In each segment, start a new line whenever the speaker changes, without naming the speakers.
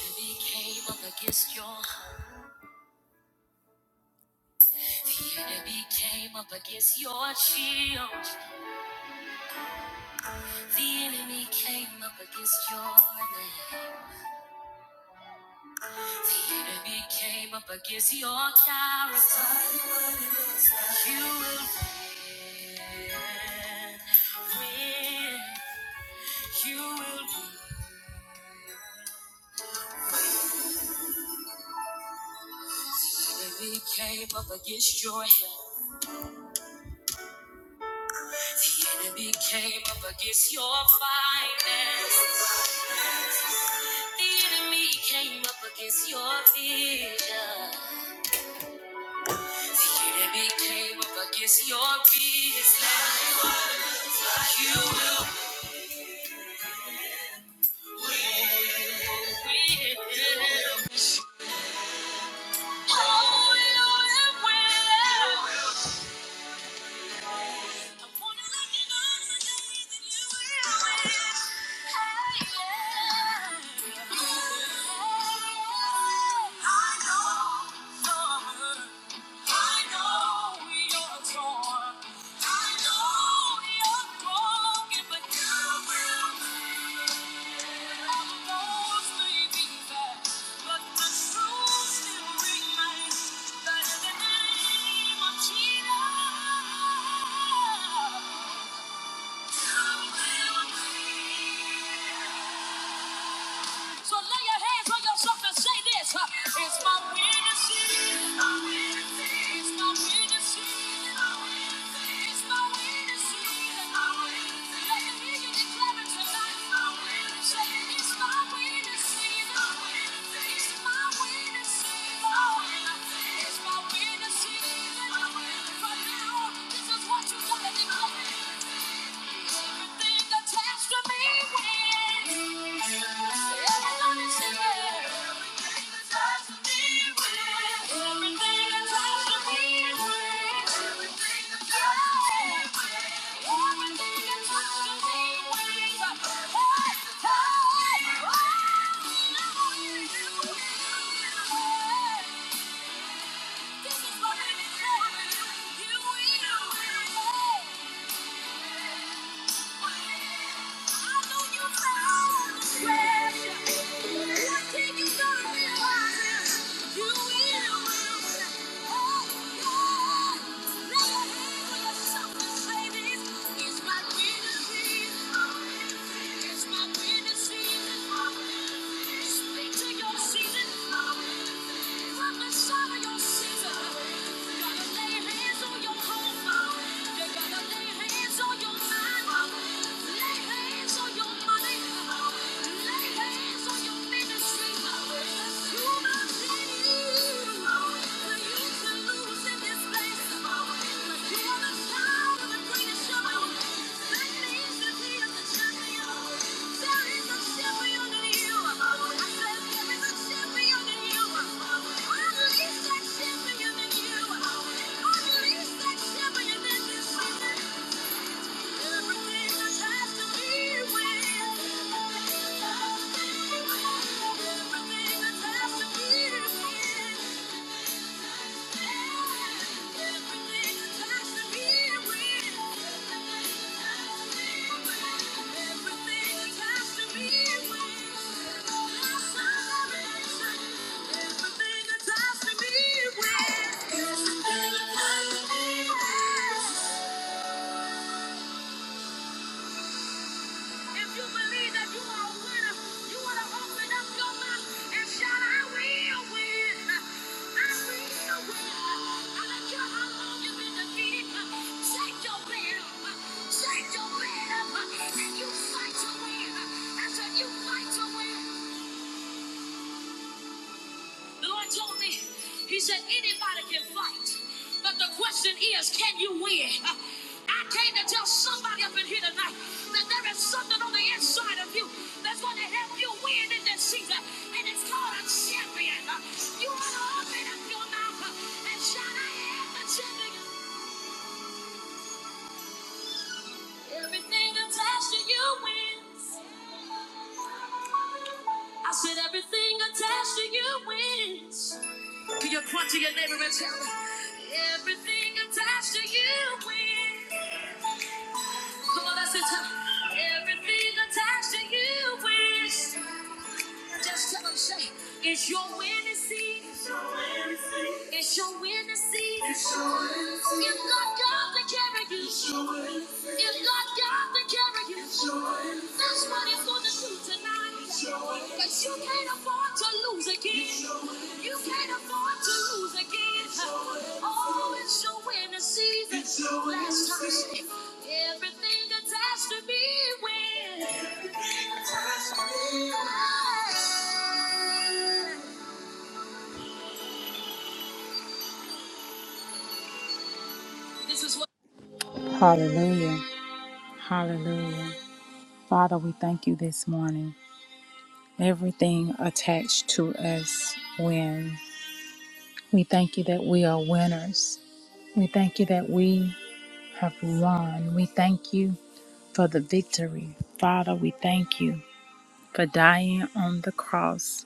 Enemy came up against your enemy came up against your shield. The enemy came up against your name. Enemy came up against your character. You will win. Win. You will win. Enemy came up against your health. Enemy came up against your finances. The enemy came up against your vision. The enemy came up against your peace. Like you will win. Oh, you will win. I wanna let you know today that you will win. Hey, yeah. I know. I know you're torn. I know you're broken, but you will mend. All the roads may but the truth still remains that in the name of Jesus, you will mend. So lay your hands on yourself and say this. uh, It's my witness. It's my witness. It's my witness. It's my witness. Let the hear you declare it tonight. Say, it's my witness. Everything attached to me wins. Everybody's in there. Thank you. we do. It's my winter season. Speak to your season. Thank you. can't lose. in this. Thank you. Everything attached to me with. with. Everything attached to me with If you believe that you are a winner, you want to open up your mouth and shout, I will win. I will win. I don't care how long you've been defeated. Take your bed up. Take your bed up. And you fight to win. I said, you fight to win. The Lord told me, He said, anybody can fight, but the question is, can you win? I came to tell somebody up in here tonight that there is something on the inside of you that's going to help you win in this season, and it's called a champion. You ought to open up your mouth and shout, I am a champion. Everything attached to you wins. I said, everything attached to you wins. To your point, to your neighbor, and tell them everything attached to you wins. Come on, that's it. Everything attached to you wins. Just tell them, say, it's your winning season. It's your winning season. It's your winning season. If God got to carry you, if God got to carry you, that's what He's gonna do tonight. But you can't afford to lose again. You can't afford to lose again. Oh, it's your winning season. Last time, I said, everything attached to me wins. Hallelujah. Hallelujah. Father, we thank you this morning. Everything attached to us wins. We thank you that we are winners. We thank you that we have won. We thank you for the victory. Father, we thank you for dying on the cross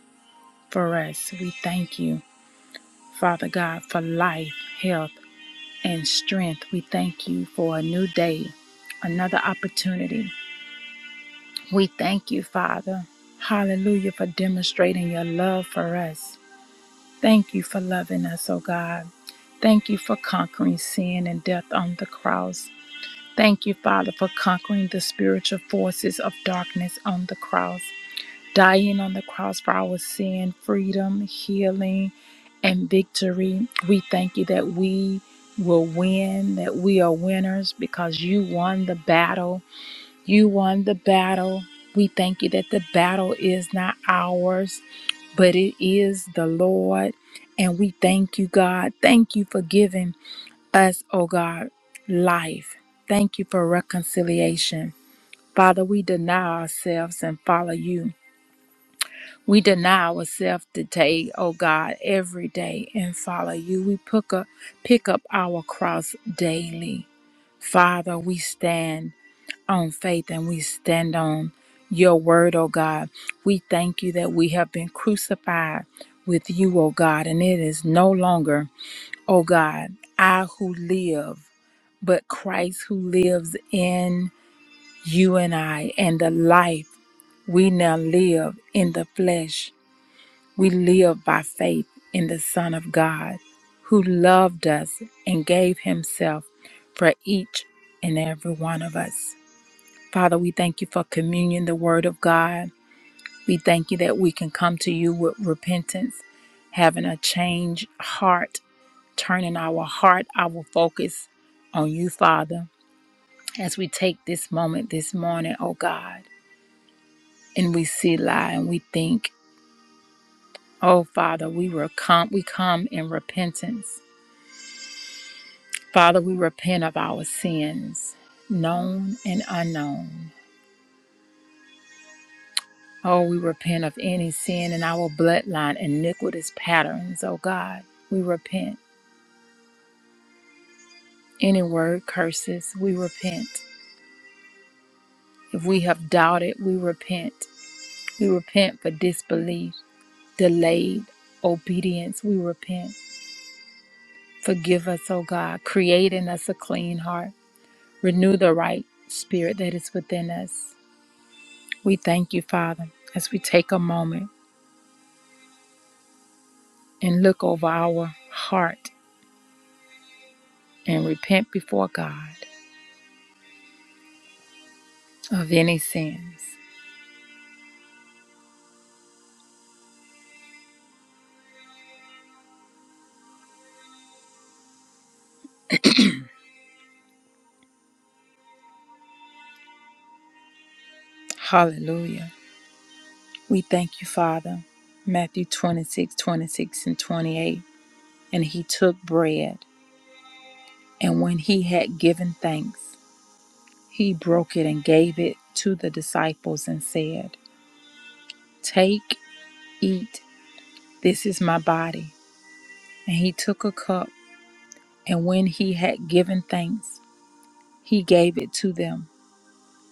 for us. We thank you, Father God, for life, health, and strength. We thank you for a new day, another opportunity. We thank you, Father. Hallelujah, for demonstrating your love for us. Thank you for loving us, oh God. Thank you for conquering sin and death on the cross. Thank you, Father, for conquering the spiritual forces of darkness on the cross dying on the cross for our sin, freedom, healing, and victory. We thank you that we will win, that we are winners because you won the battle. You won the battle. We thank you that the battle is not ours, but it is the Lord. And we thank you, God. Thank you for giving us, oh God, life. Thank you for reconciliation. Father, we deny ourselves and follow you. We deny ourselves today, O God, every day and follow you. We pick up, pick up our cross daily. Father, we stand on faith and we stand on your word, O God. We thank you that we have been crucified with you, O God, and it is no longer, O God, I who live, but Christ who lives in you and I, and the life we now live in the flesh. We live by faith in the Son of God, who loved us and gave himself for each and every one of us. Father, we thank you for communion, the Word of God. We thank you that we can come to you with repentance, having a changed heart, turning our heart, our focus on you, Father, as we take this moment this morning, oh God, and we see lie and we think, oh Father, we were come, we come in repentance Father, we repent of our sins, known and unknown. Oh, we repent of any sin in our bloodline, iniquitous patterns, oh God. We repent. Any word curses, we repent. If we have doubted, we repent. We repent for disbelief, delayed obedience, we repent. Forgive us, O God. Create in us a clean heart. Renew the right spirit that is within us. We thank you, Father, as we take a moment. and look over our heart and repent before God of any sins. Hallelujah. We thank you, Father. Matthew 26, 26, and 28. And he took bread, and when he had given thanks, he broke it and gave it to the disciples and said, Take, eat, this is my body. And he took a cup, and when he had given thanks, he gave it to them,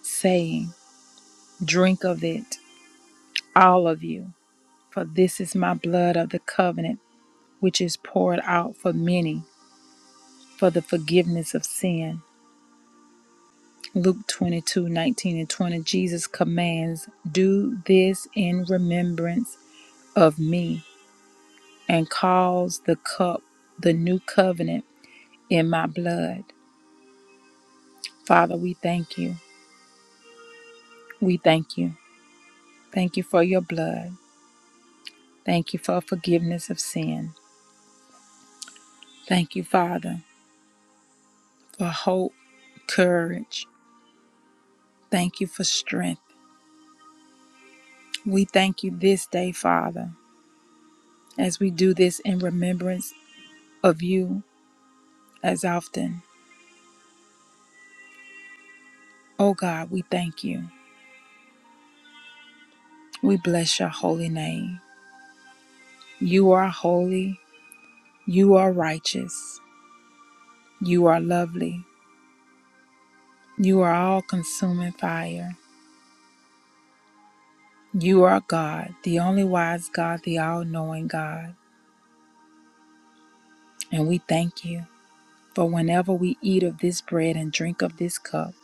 saying, Drink of it. all of you, for this is my blood of the covenant, which is poured out for many for the forgiveness of sin. Luke 22:19 and 20. Jesus commands, Do this in remembrance of me, and calls the cup the new covenant in my blood. Father, we thank you. We thank you. Thank you for your blood. Thank you for forgiveness of sin. Thank you, Father, for hope, courage. Thank you for strength. We thank you this day, Father, as we do this in remembrance of you as often. Oh God, we thank you. We bless your holy name. You are holy. You are righteous. You are lovely. You are all consuming fire. You are God, the only wise God, the all knowing God. And we thank you. For whenever we eat of this bread and drink of this cup,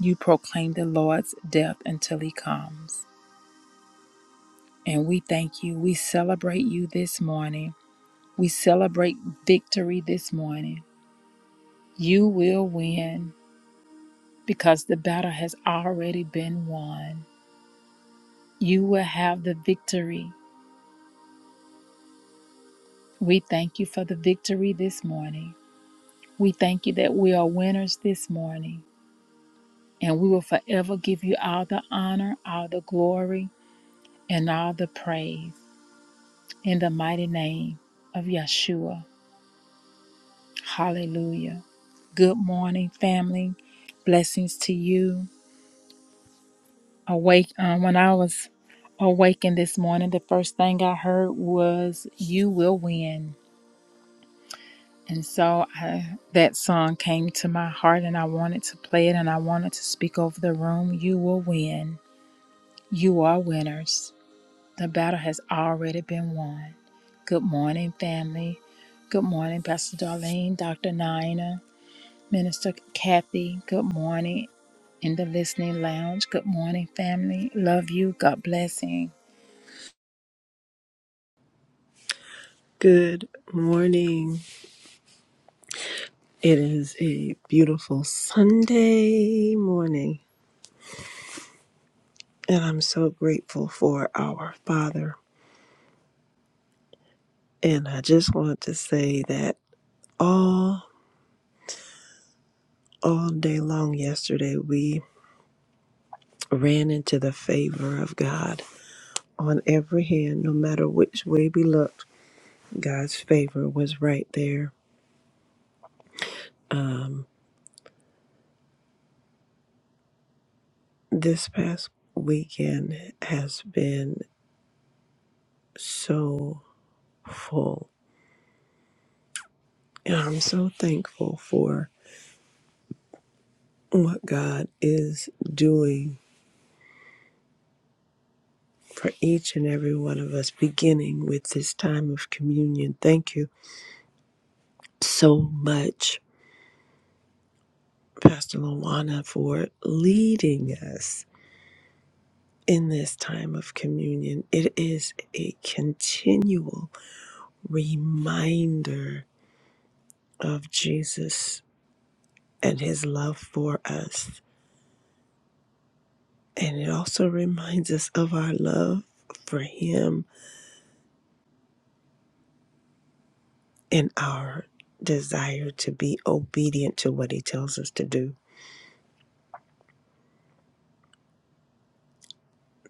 you proclaim the Lord's death until he comes. And we thank you. We celebrate you this morning. We celebrate victory this morning. You will win because the battle has already been won. You will have the victory. We thank you for the victory this morning. We thank you that we are winners this morning. And we will forever give you all the honor, all the glory, and all the praise in the mighty name of Yeshua. Hallelujah. Good morning, family. Blessings to you. Awake. Um, when I was awakened this morning, the first thing I heard was "You will win," and so I, that song came to my heart, and I wanted to play it, and I wanted to speak over the room. You will win. You are winners. The battle has already been won. Good morning, family. Good morning, Pastor Darlene, Dr. Nina, Minister Kathy. Good morning, in the listening lounge. Good morning, family. Love you. God blessing.
Good morning. It is a beautiful Sunday morning, and I'm so grateful for our Father. And I just want to say that all all day long yesterday we ran into the favor of God on every hand, no matter which way we looked. God's favor was right there. Um, this past weekend has been so full And I'm so thankful for what God is doing for each and every one of us, beginning with this time of communion. Thank you so much, Pastor Luana, for leading us in this time of communion. It is a continual reminder of Jesus and his love for us. And it also reminds us of our love for him in our desire to be obedient to what he tells us to do.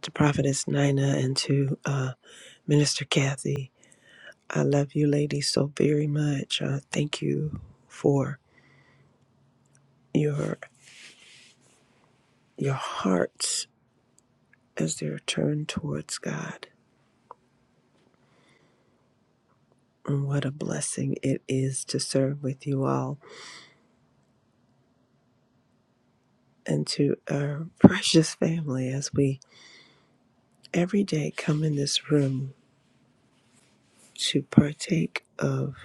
To Prophetess Nina and to uh, Minister Kathy, I love you ladies so very much. Uh, thank you for your your hearts as they're turned towards God. And what a blessing it is to serve with you all and to our precious family as we every day come in this room to partake of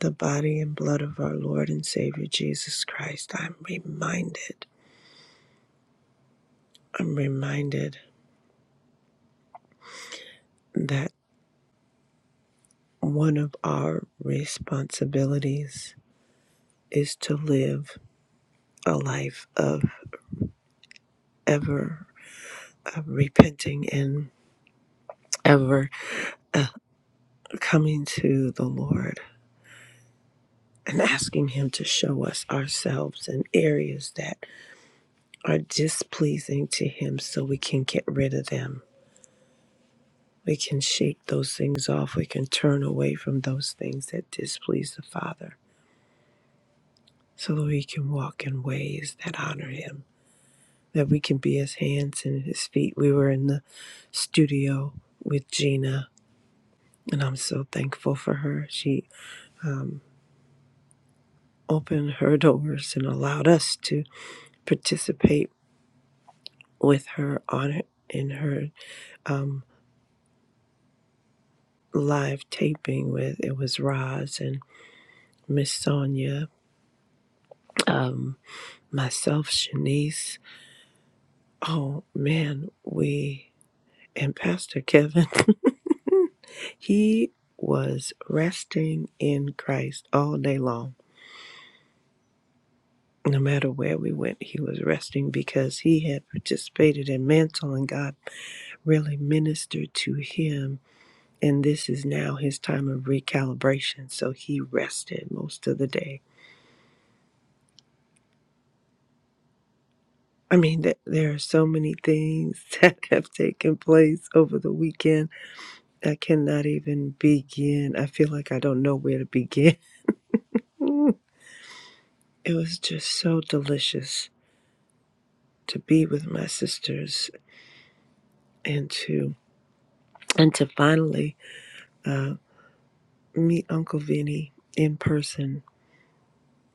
the body and blood of our Lord and Savior Jesus Christ, I'm reminded, I'm reminded that one of our responsibilities is to live a life of ever uh, repenting and ever coming to the Lord and asking Him to show us ourselves and areas that are displeasing to Him so we can get rid of them We can shake those things off. We can turn away from those things that displease the Father so that we can walk in ways that honor Him, that we can be His hands and His feet. We were in the studio with Gina, and I'm so thankful for her. She opened her doors and allowed us to participate with her on it in her um, live taping with it was Roz and Miss Sonia, um, myself, Shanice. Oh man, we and Pastor Kevin, he was resting in Christ all day long. No matter where we went, he was resting because he had participated in mantle and God really ministered to him. And this is now his time of recalibration. So he rested most of the day. I mean, th- there are so many things that have taken place over the weekend. I cannot even begin. I feel like I don't know where to begin Mm. It was just so delicious to be with my sisters and to and to finally uh, meet Uncle Vinny in person.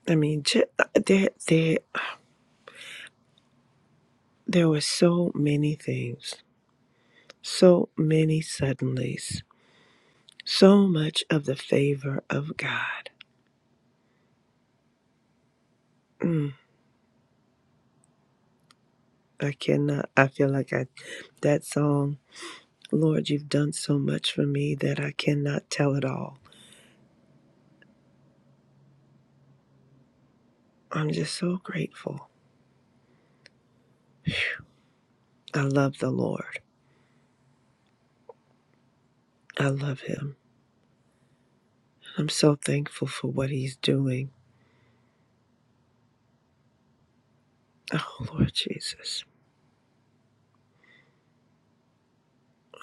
I mean, ju- uh, there there there were so many things, so many suddenlies, so much of the favor of God. Mm, I cannot. I feel like I that song. Lord, you've done so much for me that I cannot tell it all. I'm just so grateful. I love the Lord. I love him. I'm so thankful for what he's doing. Oh, Lord Jesus.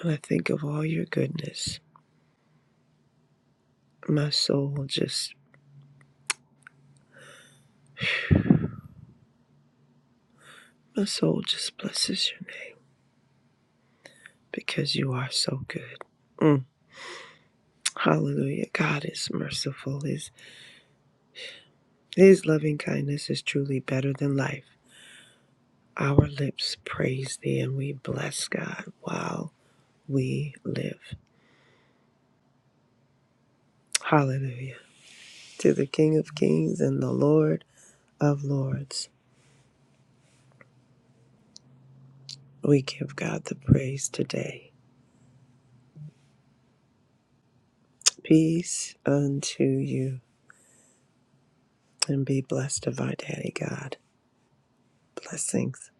When I think of all your goodness, my soul just, my soul just blesses your name because you are so good. Mm. Hallelujah. God is merciful. His, his loving kindness is truly better than life. Our lips praise thee and we bless God while we live. Hallelujah. To the King of Kings and the Lord of Lords. We give God the praise today. Peace unto you and be blessed of our Daddy God. Blessings.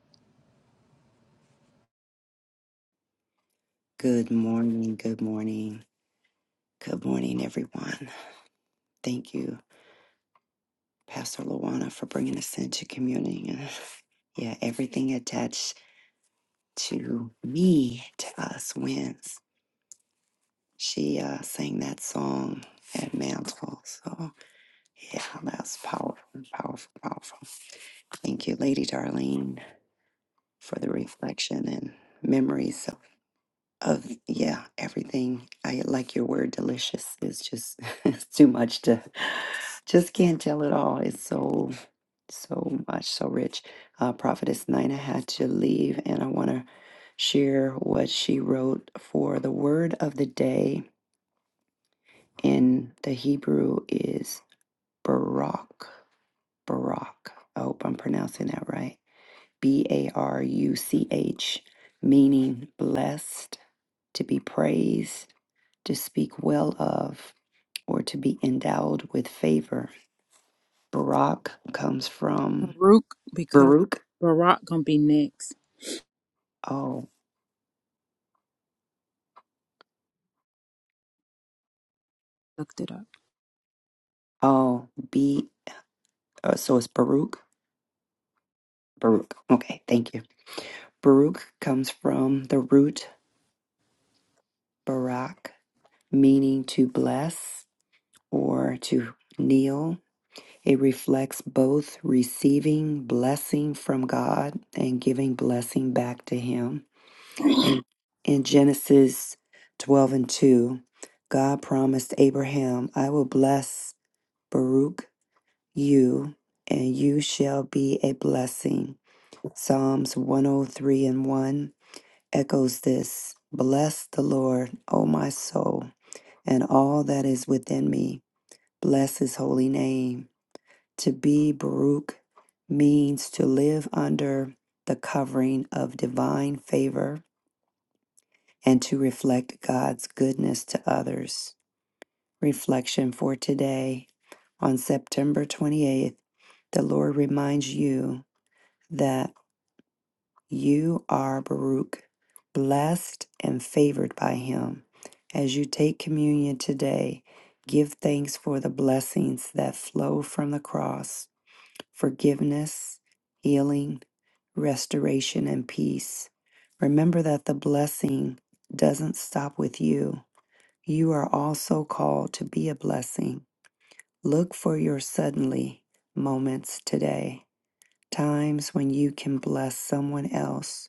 Good morning, good morning, good morning, everyone. Thank you, Pastor Luana, for bringing us into community. And yeah, everything attached to me, to us, wins. She uh, sang that song at Mantle. So, yeah, that's powerful, powerful, powerful. Thank you, Lady Darlene, for the reflection and memories. of yeah everything i like your word delicious it's just it's too much to just can't tell it all it's so so much so rich uh prophetess nina had to leave and i want to share what she wrote for the word of the day in the hebrew is barak barak i hope i'm pronouncing that right b-a-r-u-c-h meaning blessed to be praised to speak well of, or to be endowed with favor. Barak comes from
Baruch because
Baruch.
Barak gonna be next.
Oh,
Looked it up.
oh, B. Uh, so it's Baruch. Baruch. Okay, thank you. Baruch comes from the root Barak, meaning to bless or to kneel. It reflects both receiving blessing from God and giving blessing back to Him. In, in Genesis 12 and 2, God promised Abraham, I will bless Baruch you, and you shall be a blessing. Psalms 103 and 1 echoes this Bless the Lord, O my soul, and all that is within me. Bless his holy name. To be Baruch means to live under the covering of divine favor and to reflect God's goodness to others. Reflection for today on September 28th, the Lord reminds you that you are Baruch, blessed and favored by Him. As you take communion today, give thanks for the blessings that flow from the cross forgiveness, healing, restoration, and peace. Remember that the blessing doesn't stop with you you are also called to be a blessing. Look for your suddenly moments today, times when you can bless someone else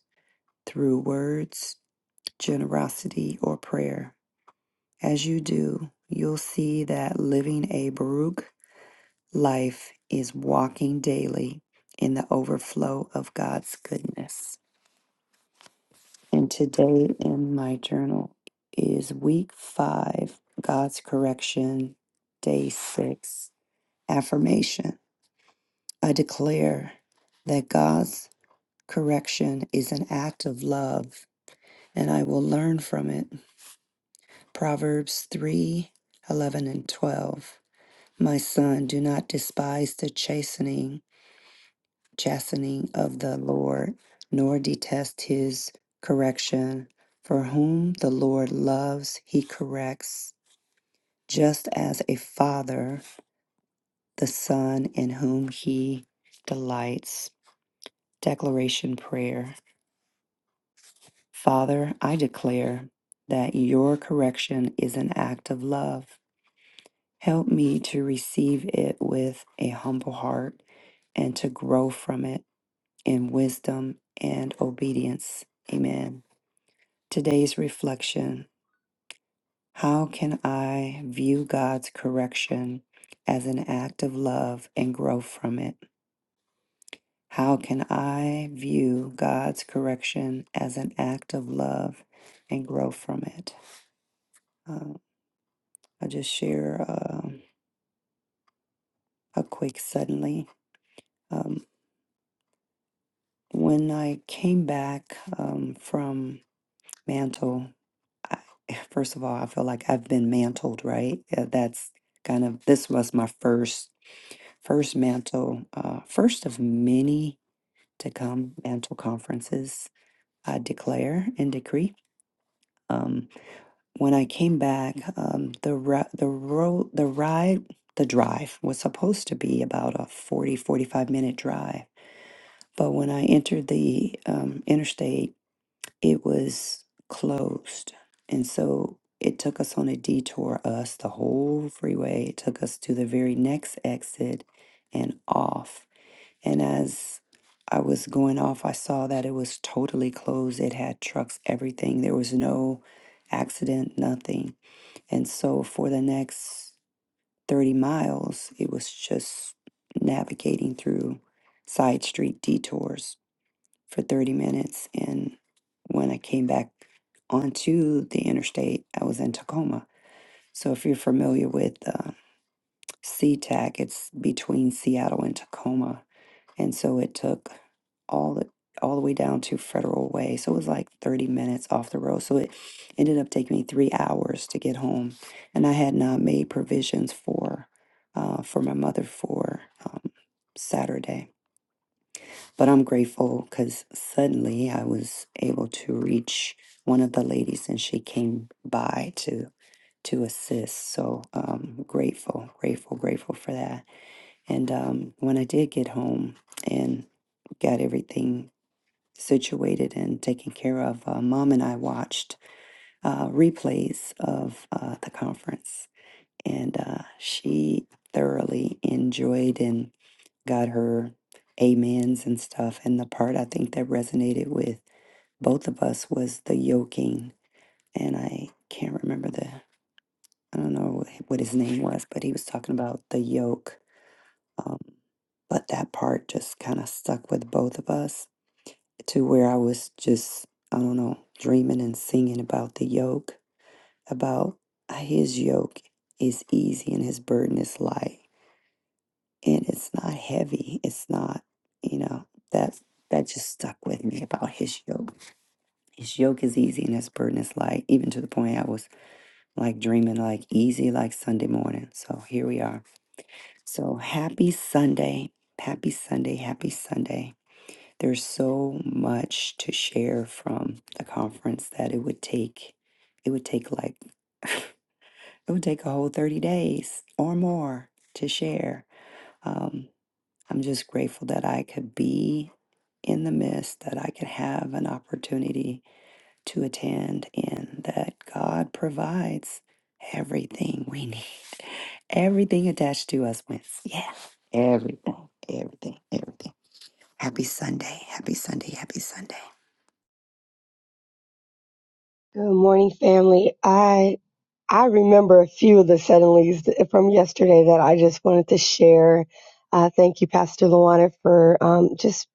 through words, generosity, or prayer. As you do, you'll see that living a Baruch life is walking daily in the overflow of God's goodness. And today in my journal is week five, God's correction, day six. Affirmation I declare that God's correction is an act of love and I will learn from it. Proverbs 3, 11 and 12. My son, do not despise the chastening, chastening of the Lord, nor detest his correction. For whom the Lord loves, he corrects, just as a father the son in whom he delights. Declaration Prayer. Father, I declare that your correction is an act of love. Help me to receive it with a humble heart and to grow from it in wisdom and obedience. Amen. Today's reflection How can I view God's correction as an act of love and grow from it? How can I view God's correction as an act of love and grow from it? Um, I'll just share um a quick suddenly. Um, when I came back um, from Mantle, I, first of all, I feel like I've been mantled, right? Uh, That's kind of this was my first first mantle, uh, first of many to come mantle conferences. I declare and decree. Um, when I came back, um, the ri- the road the ride the drive was supposed to be about a 40 45 minute drive But when I entered the um, interstate, it was closed. And so it took us on a detour, us, the whole freeway. It took us to the very next exit and off. And as I was going off, I saw that it was totally closed. It had trucks, everything. There was no accident, nothing. And so for the next 30 miles, it was just navigating through side street detours for 30 minutes. And when I came back onto the interstate, I was in Tacoma. So if you're familiar with uh, SeaTac, it's between Seattle and Tacoma. And so it took all the all the way down to Federal Way. So it was like 30 minutes off the road. So it ended up taking me three hours to get home. And I had not made provisions for uh, for my mother for um, Saturday. But I'm grateful because suddenly I was able to reach one of the ladies and she came by to to assist. So um grateful, grateful, grateful for that. And um when I did get home and got everything situated and taken care of, uh, mom and I watched uh, replays of uh, the conference and uh, she thoroughly enjoyed and got her amens and stuff. And the part I think that resonated with both of us was the yoking. And I can't remember the, I don't know what his name was, but he was talking about the yoke. Um, but that part just kind of stuck with both of us to where I was just, I don't know, dreaming and singing about the yoke, about "Ah, his yoke is easy and his burden is light and it's not heavy. It's not, you know, that that just stuck with me about his yoke. His yoke is easy and his burden is light, even to the point I was like dreaming like easy like Sunday morning. So here we are. So happy Sunday. Happy Sunday. Happy Sunday. There's so much to share from the conference that it would take it would take like it would take a whole 30 days or more to share. Um, I'm just grateful that I could be in the midst, that I could have an opportunity to attend, and that God provides everything we need. Everything attached to us wins. Yeah. Everything, everything, everything. Happy Sunday. Happy Sunday. Happy Sunday.
Good morning, family. I I remember a few of the suddenlies th- from yesterday that I just wanted to share. Uh, thank you, Pastor Luana, for um, just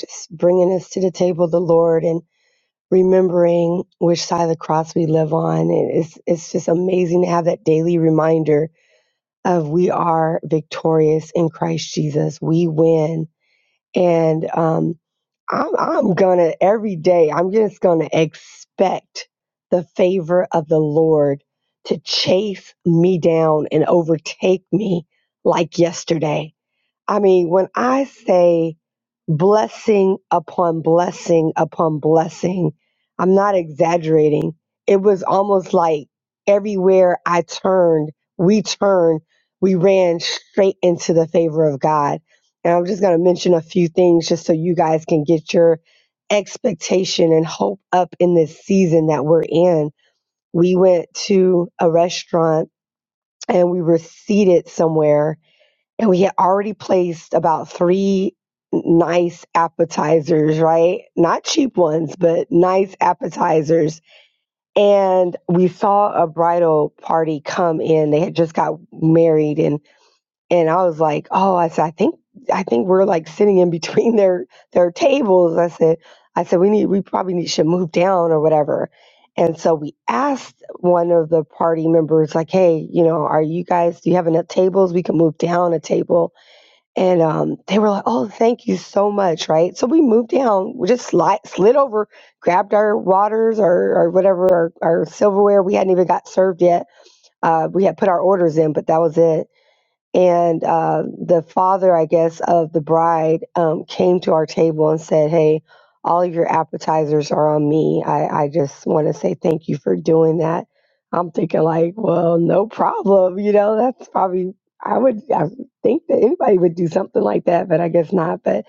just bringing us to the table, of the Lord, and remembering which side of the cross we live on. It- It's it's just amazing to have that daily reminder of we are victorious in Christ Jesus. We win and um, I'm I'm gonna every day. I'm just gonna expect the favor of the Lord to chase me down and overtake me like yesterday. I mean, when I say blessing upon blessing upon blessing, I'm not exaggerating. It was almost like everywhere I turned, we turned, we ran straight into the favor of God. And I'm just going to mention a few things just so you guys can get your expectation and hope up in this season that we're in. We went to a restaurant and we were seated somewhere and we had already placed about three nice appetizers, right? Not cheap ones, but nice appetizers. And we saw a bridal party come in. They had just got married and and I was like, "Oh, I said I think I think we're like sitting in between their their tables." I said I said we need we probably need should move down or whatever. And so we asked one of the party members like, "Hey, you know, are you guys do you have enough tables? We can move down a table." And um, they were like, "Oh, thank you so much!" Right? So we moved down. We just slid, slid over, grabbed our waters or, or whatever our, our silverware. We hadn't even got served yet. Uh, we had put our orders in, but that was it and uh, the father, I guess, of the bride um, came to our table and said, "Hey, all of your appetizers are on me. I, I just want to say thank you for doing that." I'm thinking like, "Well, no problem. You know, that's probably I would I would think that anybody would do something like that, but I guess not." But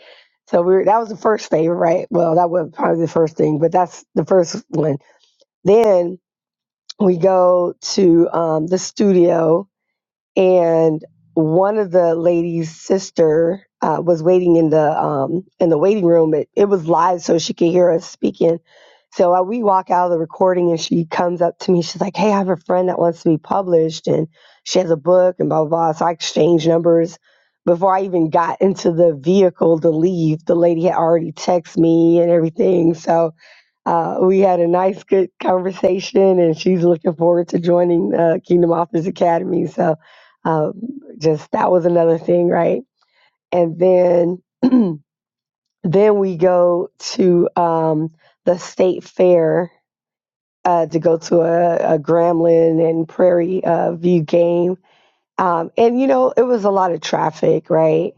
so we were, that was the first favor, right? Well, that was probably the first thing, but that's the first one. Then we go to um, the studio and one of the lady's sister uh, was waiting in the um, in the waiting room. It, it was live, so she could hear us speaking. So uh, we walk out of the recording, and she comes up to me. She's like, "Hey, I have a friend that wants to be published, and she has a book, and blah blah." blah. So I exchange numbers. Before I even got into the vehicle to leave, the lady had already texted me and everything. So uh, we had a nice, good conversation, and she's looking forward to joining uh, Kingdom Authors Academy. So, um, just that was another thing, right? And then, then we go to um, the state fair uh, to go to a, a Gremlin and Prairie uh, View game, um, and you know, it was a lot of traffic, right?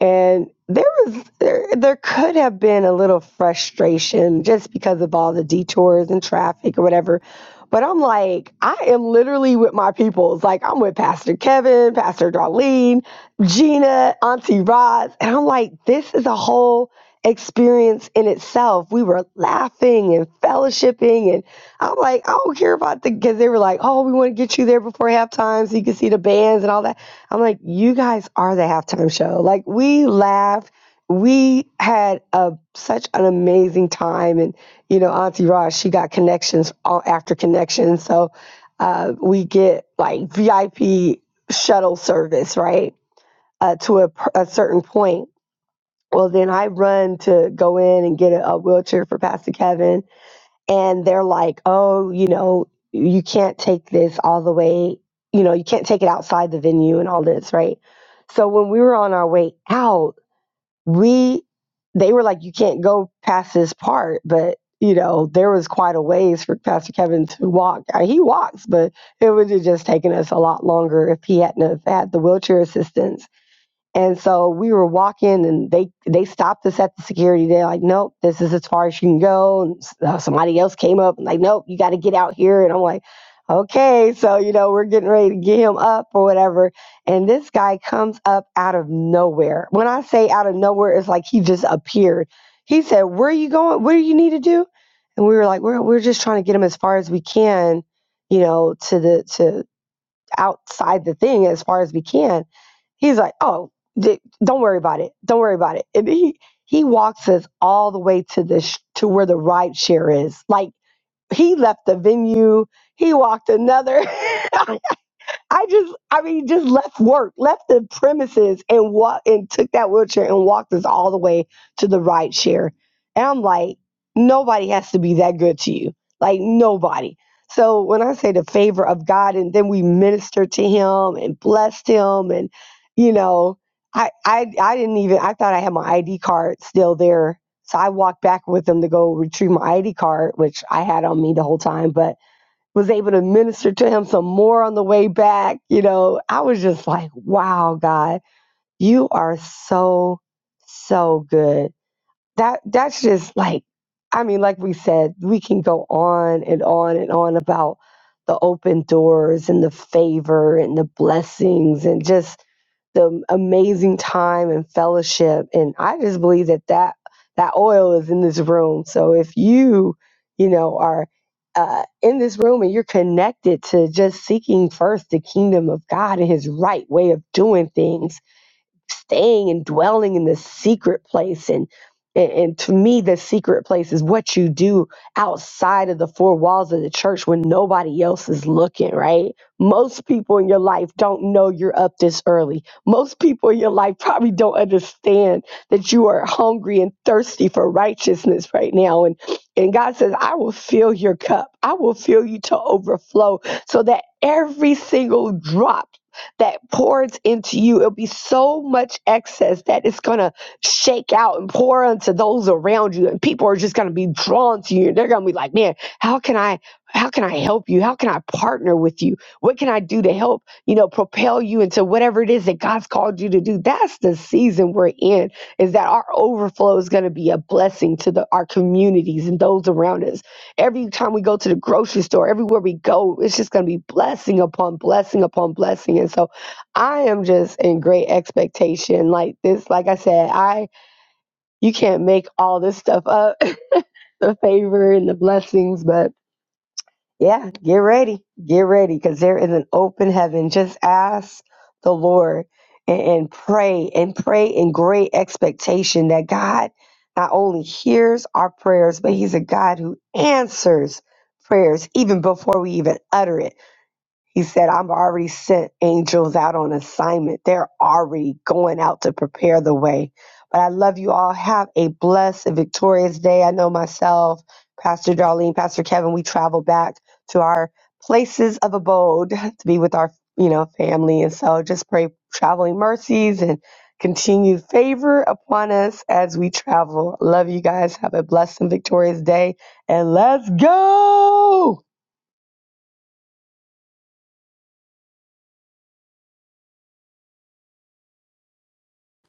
And there was there there could have been a little frustration just because of all the detours and traffic or whatever. But I'm like, I am literally with my peoples. Like I'm with Pastor Kevin, Pastor Darlene, Gina, Auntie Roz. And I'm like, this is a whole experience in itself. We were laughing and fellowshipping. And I'm like, I don't care about the because they were like, oh, we want to get you there before halftime so you can see the bands and all that. I'm like, you guys are the halftime show. Like we laughed. We had a such an amazing time, and you know, Auntie Raj, she got connections all after connections, so uh, we get like VIP shuttle service, right, uh, to a, a certain point. Well, then I run to go in and get a, a wheelchair for Pastor Kevin, and they're like, oh, you know, you can't take this all the way, you know, you can't take it outside the venue and all this, right? So when we were on our way out, we they were like, you can't go past this part, but you know, there was quite a ways for Pastor Kevin to walk. Uh, He walks, but it would have just taken us a lot longer if he hadn't have had the wheelchair assistance and so we were walking, and they they stopped us at the security. They're like, "Nope, this is as far as you can go." And s- uh, somebody else came up and like, "Nope, you got to get out here." And I'm like, "Okay." So you know, we're getting ready to get him up or whatever. And this guy comes up out of nowhere. When I say out of nowhere, it's like he just appeared. He said, "Where are you going? What do you need to do?" And we were like, "We're we're just trying to get him as far as we can, you know, to the to outside the thing as far as we can. He's like, oh, d- don't worry about it. Don't worry about it. And he he walks us all the way to the sh- to where the ride share is. Like he left the venue, he walked another. I just, I mean, just left work, left the premises, and walk, and took that wheelchair and walked us all the way to the ride share. And I'm like, nobody has to be that good to you, like nobody. So when I say the favor of God, and then we ministered to him and blessed him, and you know, I, I, I didn't even, I thought I had my ID card still there, so I walked back with him to go retrieve my ID card, which I had on me the whole time, but was able to minister to him some more on the way back. You know, I was just like, wow, God, you are so, so good that that's just like i mean like we said we can go on and on and on about the open doors and the favor and the blessings and just the amazing time and fellowship and i just believe that that that oil is in this room so if you you know are uh, in this room and you're connected to just seeking first the kingdom of god and his right way of doing things staying and dwelling in this secret place and and and to me the secret place is what you do outside of the four walls of the church when nobody else is looking right most people in your life don't know you're up this early most people in your life probably don't understand that you are hungry and thirsty for righteousness right now and and god says i will fill your cup i will fill you to overflow so that every single drop that pours into you. It'll be so much excess that it's going to shake out and pour onto those around you. And people are just going to be drawn to you. And they're going to be like, man, how can I? How can I help you? How can I partner with you? What can I do to help, you know, propel you into whatever it is that God's called you to do? That's the season we're in, is that our overflow is going to be a blessing to the, our communities and those around us every time we go to the grocery store, everywhere we go, it's just going to be blessing upon blessing upon blessing. And so I am just in great expectation. Like this, like I said, I you can't make all this stuff up, the favor and the blessings, but yeah, get ready. Get ready because there is an open heaven. Just ask the Lord and, and pray and pray in great expectation that God not only hears our prayers, but He's a God who answers prayers even before we even utter it. He said, I've already sent angels out on assignment. They're already going out to prepare the way. But I love you all. Have a blessed and victorious day. I know myself, Pastor Darlene, Pastor Kevin, we travel back to our places of abode to be with our, you know, family. And so just pray traveling mercies and continued favor upon us as we travel. Love you guys. Have a blessed and victorious day. And let's go.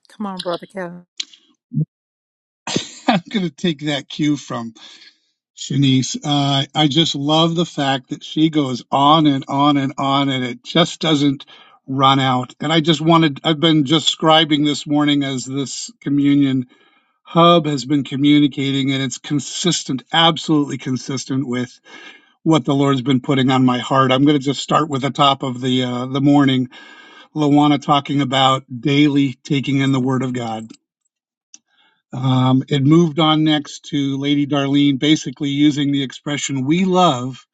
Come on, brother Kevin.
I'm going to take that cue from Shanice. Uh, I just love the fact that she goes on and on and on, and it just doesn't run out. And I just wanted, I've been describing this morning as this communion hub has been communicating, and it's consistent, absolutely consistent with what the Lord's been putting on my heart. I'm going to just start with the top of the uh, the morning. Lawana talking about daily taking in the Word of God Um, it moved on next to Lady Darlene, basically using the expression, we love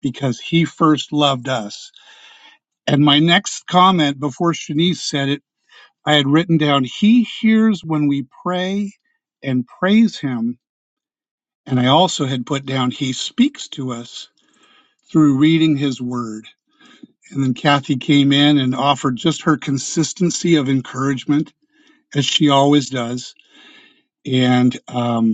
because he first loved us. And my next comment before Shanice said it, I had written down, he hears when we pray and praise him. And I also had put down, he speaks to us through reading his word. And then Kathy came in and offered just her consistency of encouragement, as she always does. And um,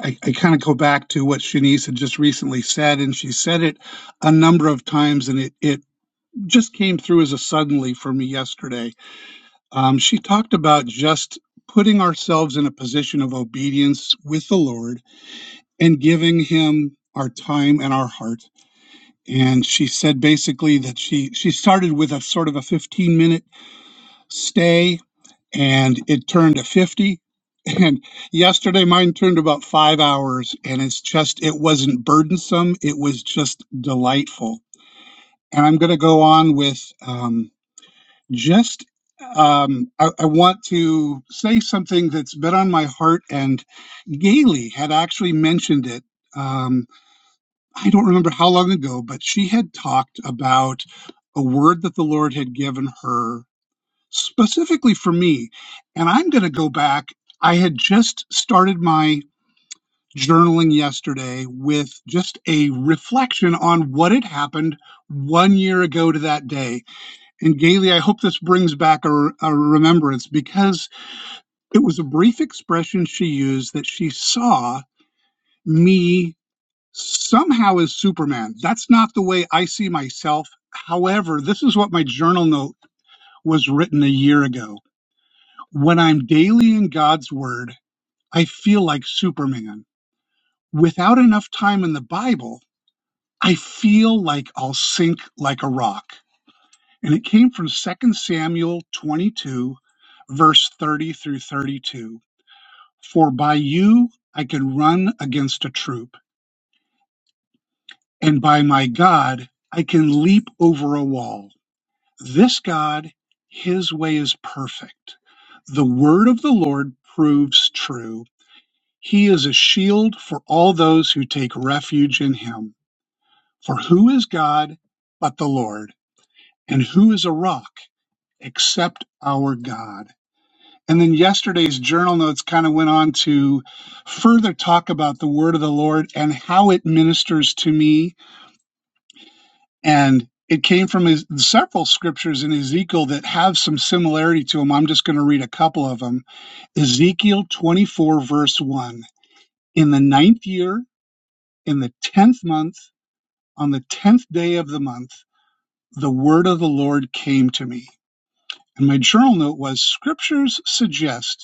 I, I kind of go back to what Shanice had just recently said, and she said it a number of times, and it, it just came through as a suddenly for me yesterday. Um, she talked about just putting ourselves in a position of obedience with the Lord and giving Him our time and our heart. And she said basically that she she started with a sort of a 15 minute stay and it turned to 50 and yesterday mine turned about five hours and it's just it wasn't burdensome it was just delightful and i'm going to go on with um, just um, I, I want to say something that's been on my heart and gailey had actually mentioned it um, i don't remember how long ago but she had talked about a word that the lord had given her specifically for me, and I'm going to go back. I had just started my journaling yesterday with just a reflection on what had happened one year ago to that day. And Gailey, I hope this brings back a, a remembrance because it was a brief expression she used that she saw me somehow as Superman. That's not the way I see myself. However, this is what my journal note was written a year ago When I'm daily in God's Word, I feel like Superman. Without enough time in the Bible, I feel like I'll sink like a rock. And it came from Second Samuel 22, verse 30 through 32. For by you I can run against a troop, and by my God I can leap over a wall. This God, his way is perfect. The word of the Lord proves true He is a shield for all those who take refuge in him. For who is God but the Lord? And who is a rock except our God? And then yesterday's journal notes kind of went on to further talk about the word of the Lord and how it ministers to me. And it came from his, several scriptures in Ezekiel that have some similarity to them. I'm just going to read a couple of them. Ezekiel 24, verse 1. In the ninth year, in the tenth month, On the 10th day of the month, the word of the Lord came to me. And my journal note was Scriptures suggest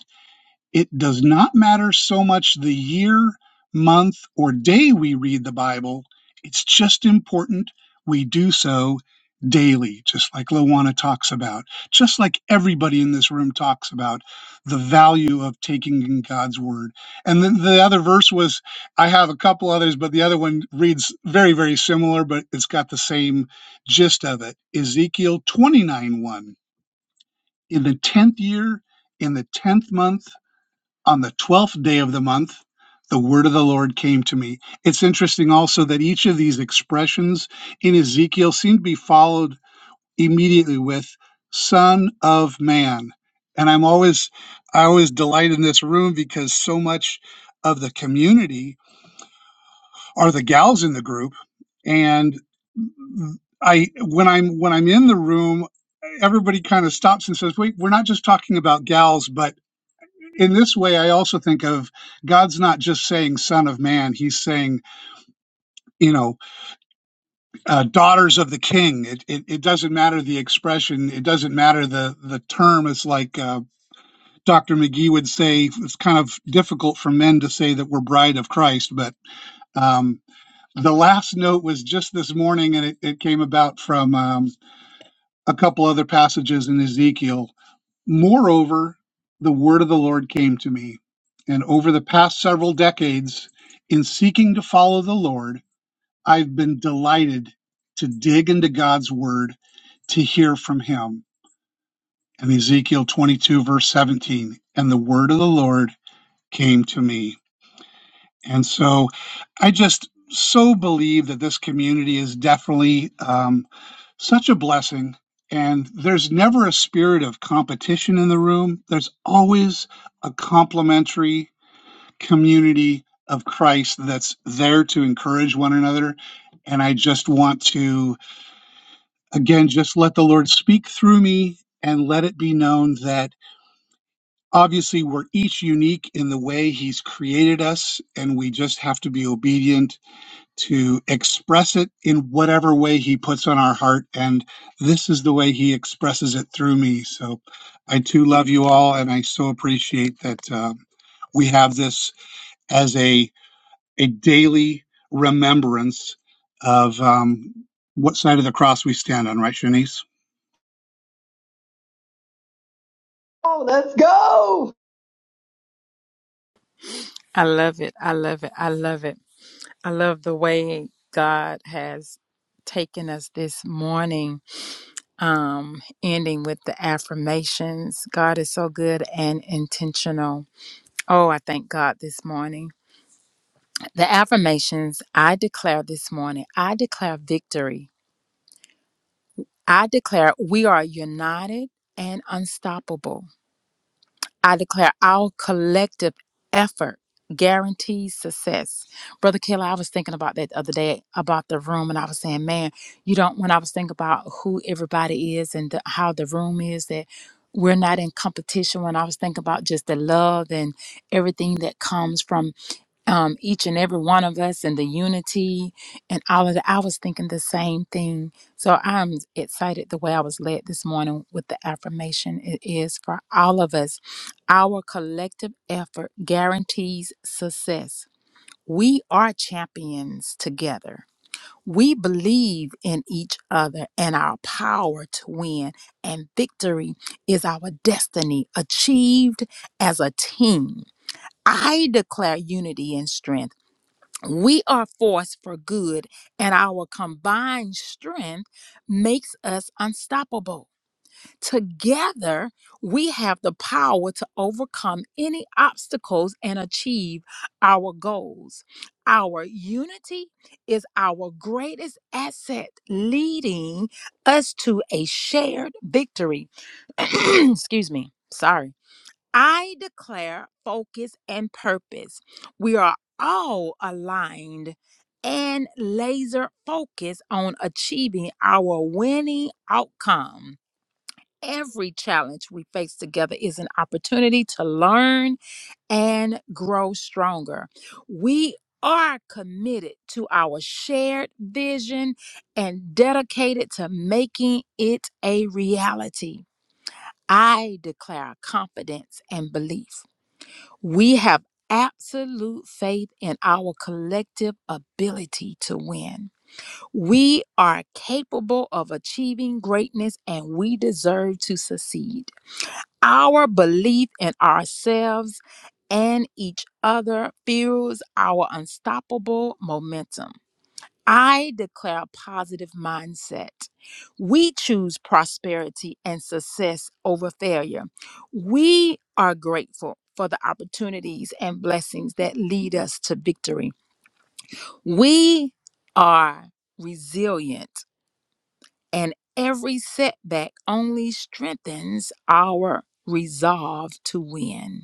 it does not matter so much the year, month, or day we read the Bible. It's just important we do so daily, just like Lowana talks about, just like everybody in this room talks about the value of taking in God's word. And then the other verse was I have a couple others, but the other one reads very, very similar, but it's got the same gist of it. Ezekiel 29 1. In the 10th year, in the 10th month, on the 12th day of the month, the word of the Lord came to me. It's interesting also that each of these expressions in Ezekiel seem to be followed immediately with son of man. And I'm always, I always delight in this room because so much of the community are the gals in the group. And I, when I'm, when I'm in the room, everybody kind of stops and says, wait, we're not just talking about gals, but in this way, I also think of God's not just saying "Son of Man," He's saying, you know, uh, "Daughters of the King." It, it it doesn't matter the expression, it doesn't matter the the term. It's like uh, Dr. McGee would say, it's kind of difficult for men to say that we're bride of Christ, but um, the last note was just this morning, and it, it came about from um, a couple other passages in Ezekiel Moreover, the word of the Lord came to me. And over the past several decades, in seeking to follow the Lord, I've been delighted to dig into God's word to hear from him. And Ezekiel 22, verse 17, and the word of the Lord came to me. And so I just so believe that this community is definitely um, such a blessing. And there's never a spirit of competition in the room, there's always a complementary community of Christ that's there to encourage one another. And I just want to, again, just let the Lord speak through me and let it be known that obviously we're each unique in the way He's created us, and we just have to be obedient to express it in whatever way he puts on our heart. And this is the way he expresses it through me. So I too love you all. And I so appreciate that um, we have this as a, a daily remembrance of um, what side of the cross we stand on, right, Shanice?
Oh, let's go.
I love it. I love it. I love it. I love the way God has taken us this morning, um, ending with the affirmations. God is so good and intentional. Oh, I thank God this morning. The affirmations I declare this morning, I declare victory. I declare we are united and unstoppable. I declare our collective effort guarantees success. Brother Kayla, I was thinking about that the other day about the room, and I was saying, man, you don't, when I was thinking about who everybody is and the, how the room is, that we're not in competition. When I was thinking about just the love and everything that comes from um, each and every one of us and the unity and all of that. I was thinking the same thing. So I'm excited the way I was led this morning with the affirmation. It is for all of us. Our collective effort guarantees success. We are champions together. We believe in each other and our power to win, and victory is our destiny achieved as a team. I declare unity and strength. We are forced for good, and our combined strength makes us unstoppable. Together, we have the power to overcome any obstacles and achieve our goals. Our unity is our greatest asset, leading us to a shared victory. Excuse me. Sorry. I declare focus and purpose. We are all aligned and laser focused on achieving our winning outcome. Every challenge we face together is an opportunity to learn and grow stronger. We are committed to our shared vision and dedicated to making it a reality. I declare confidence and belief. We have absolute faith in our collective ability to win. We are capable of achieving greatness and we deserve to succeed. Our belief in ourselves and each other fuels our unstoppable momentum. I declare a positive mindset. We choose prosperity and success over failure. We are grateful for the opportunities and blessings that lead us to victory. We are resilient, and every setback only strengthens our resolve to win.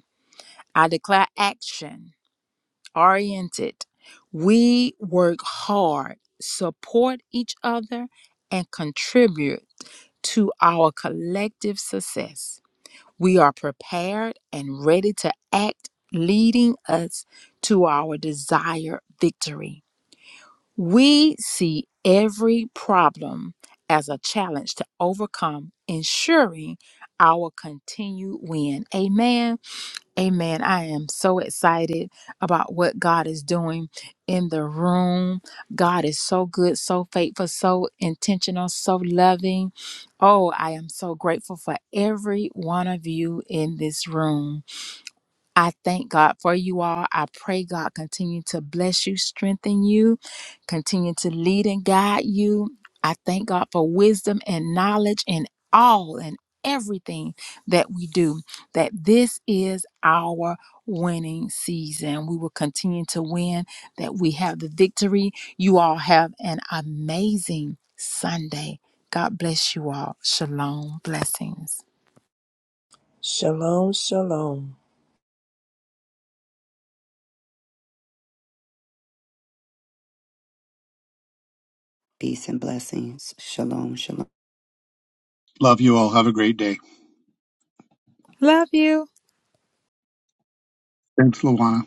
I declare action oriented. We work hard, support each other, and contribute to our collective success. We are prepared and ready to act, leading us to our desired victory. We see every problem as a challenge to overcome, ensuring our continued win. Amen. Amen. I am so excited about what God is doing in the room. God is so good, so faithful, so intentional, so loving. Oh, I am so grateful for every one of you in this room. I thank God for you all. I pray God continue to bless you, strengthen you, continue to lead and guide you. I thank God for wisdom and knowledge in all and everything that we do. That this is our winning season. We will continue to win, that we have the victory. You all have an amazing Sunday. God bless you all. Shalom. Blessings.
Shalom, shalom.
Peace and blessings. Shalom. Shalom.
Love you all. Have a great day.
Love you.
Thanks, Luana.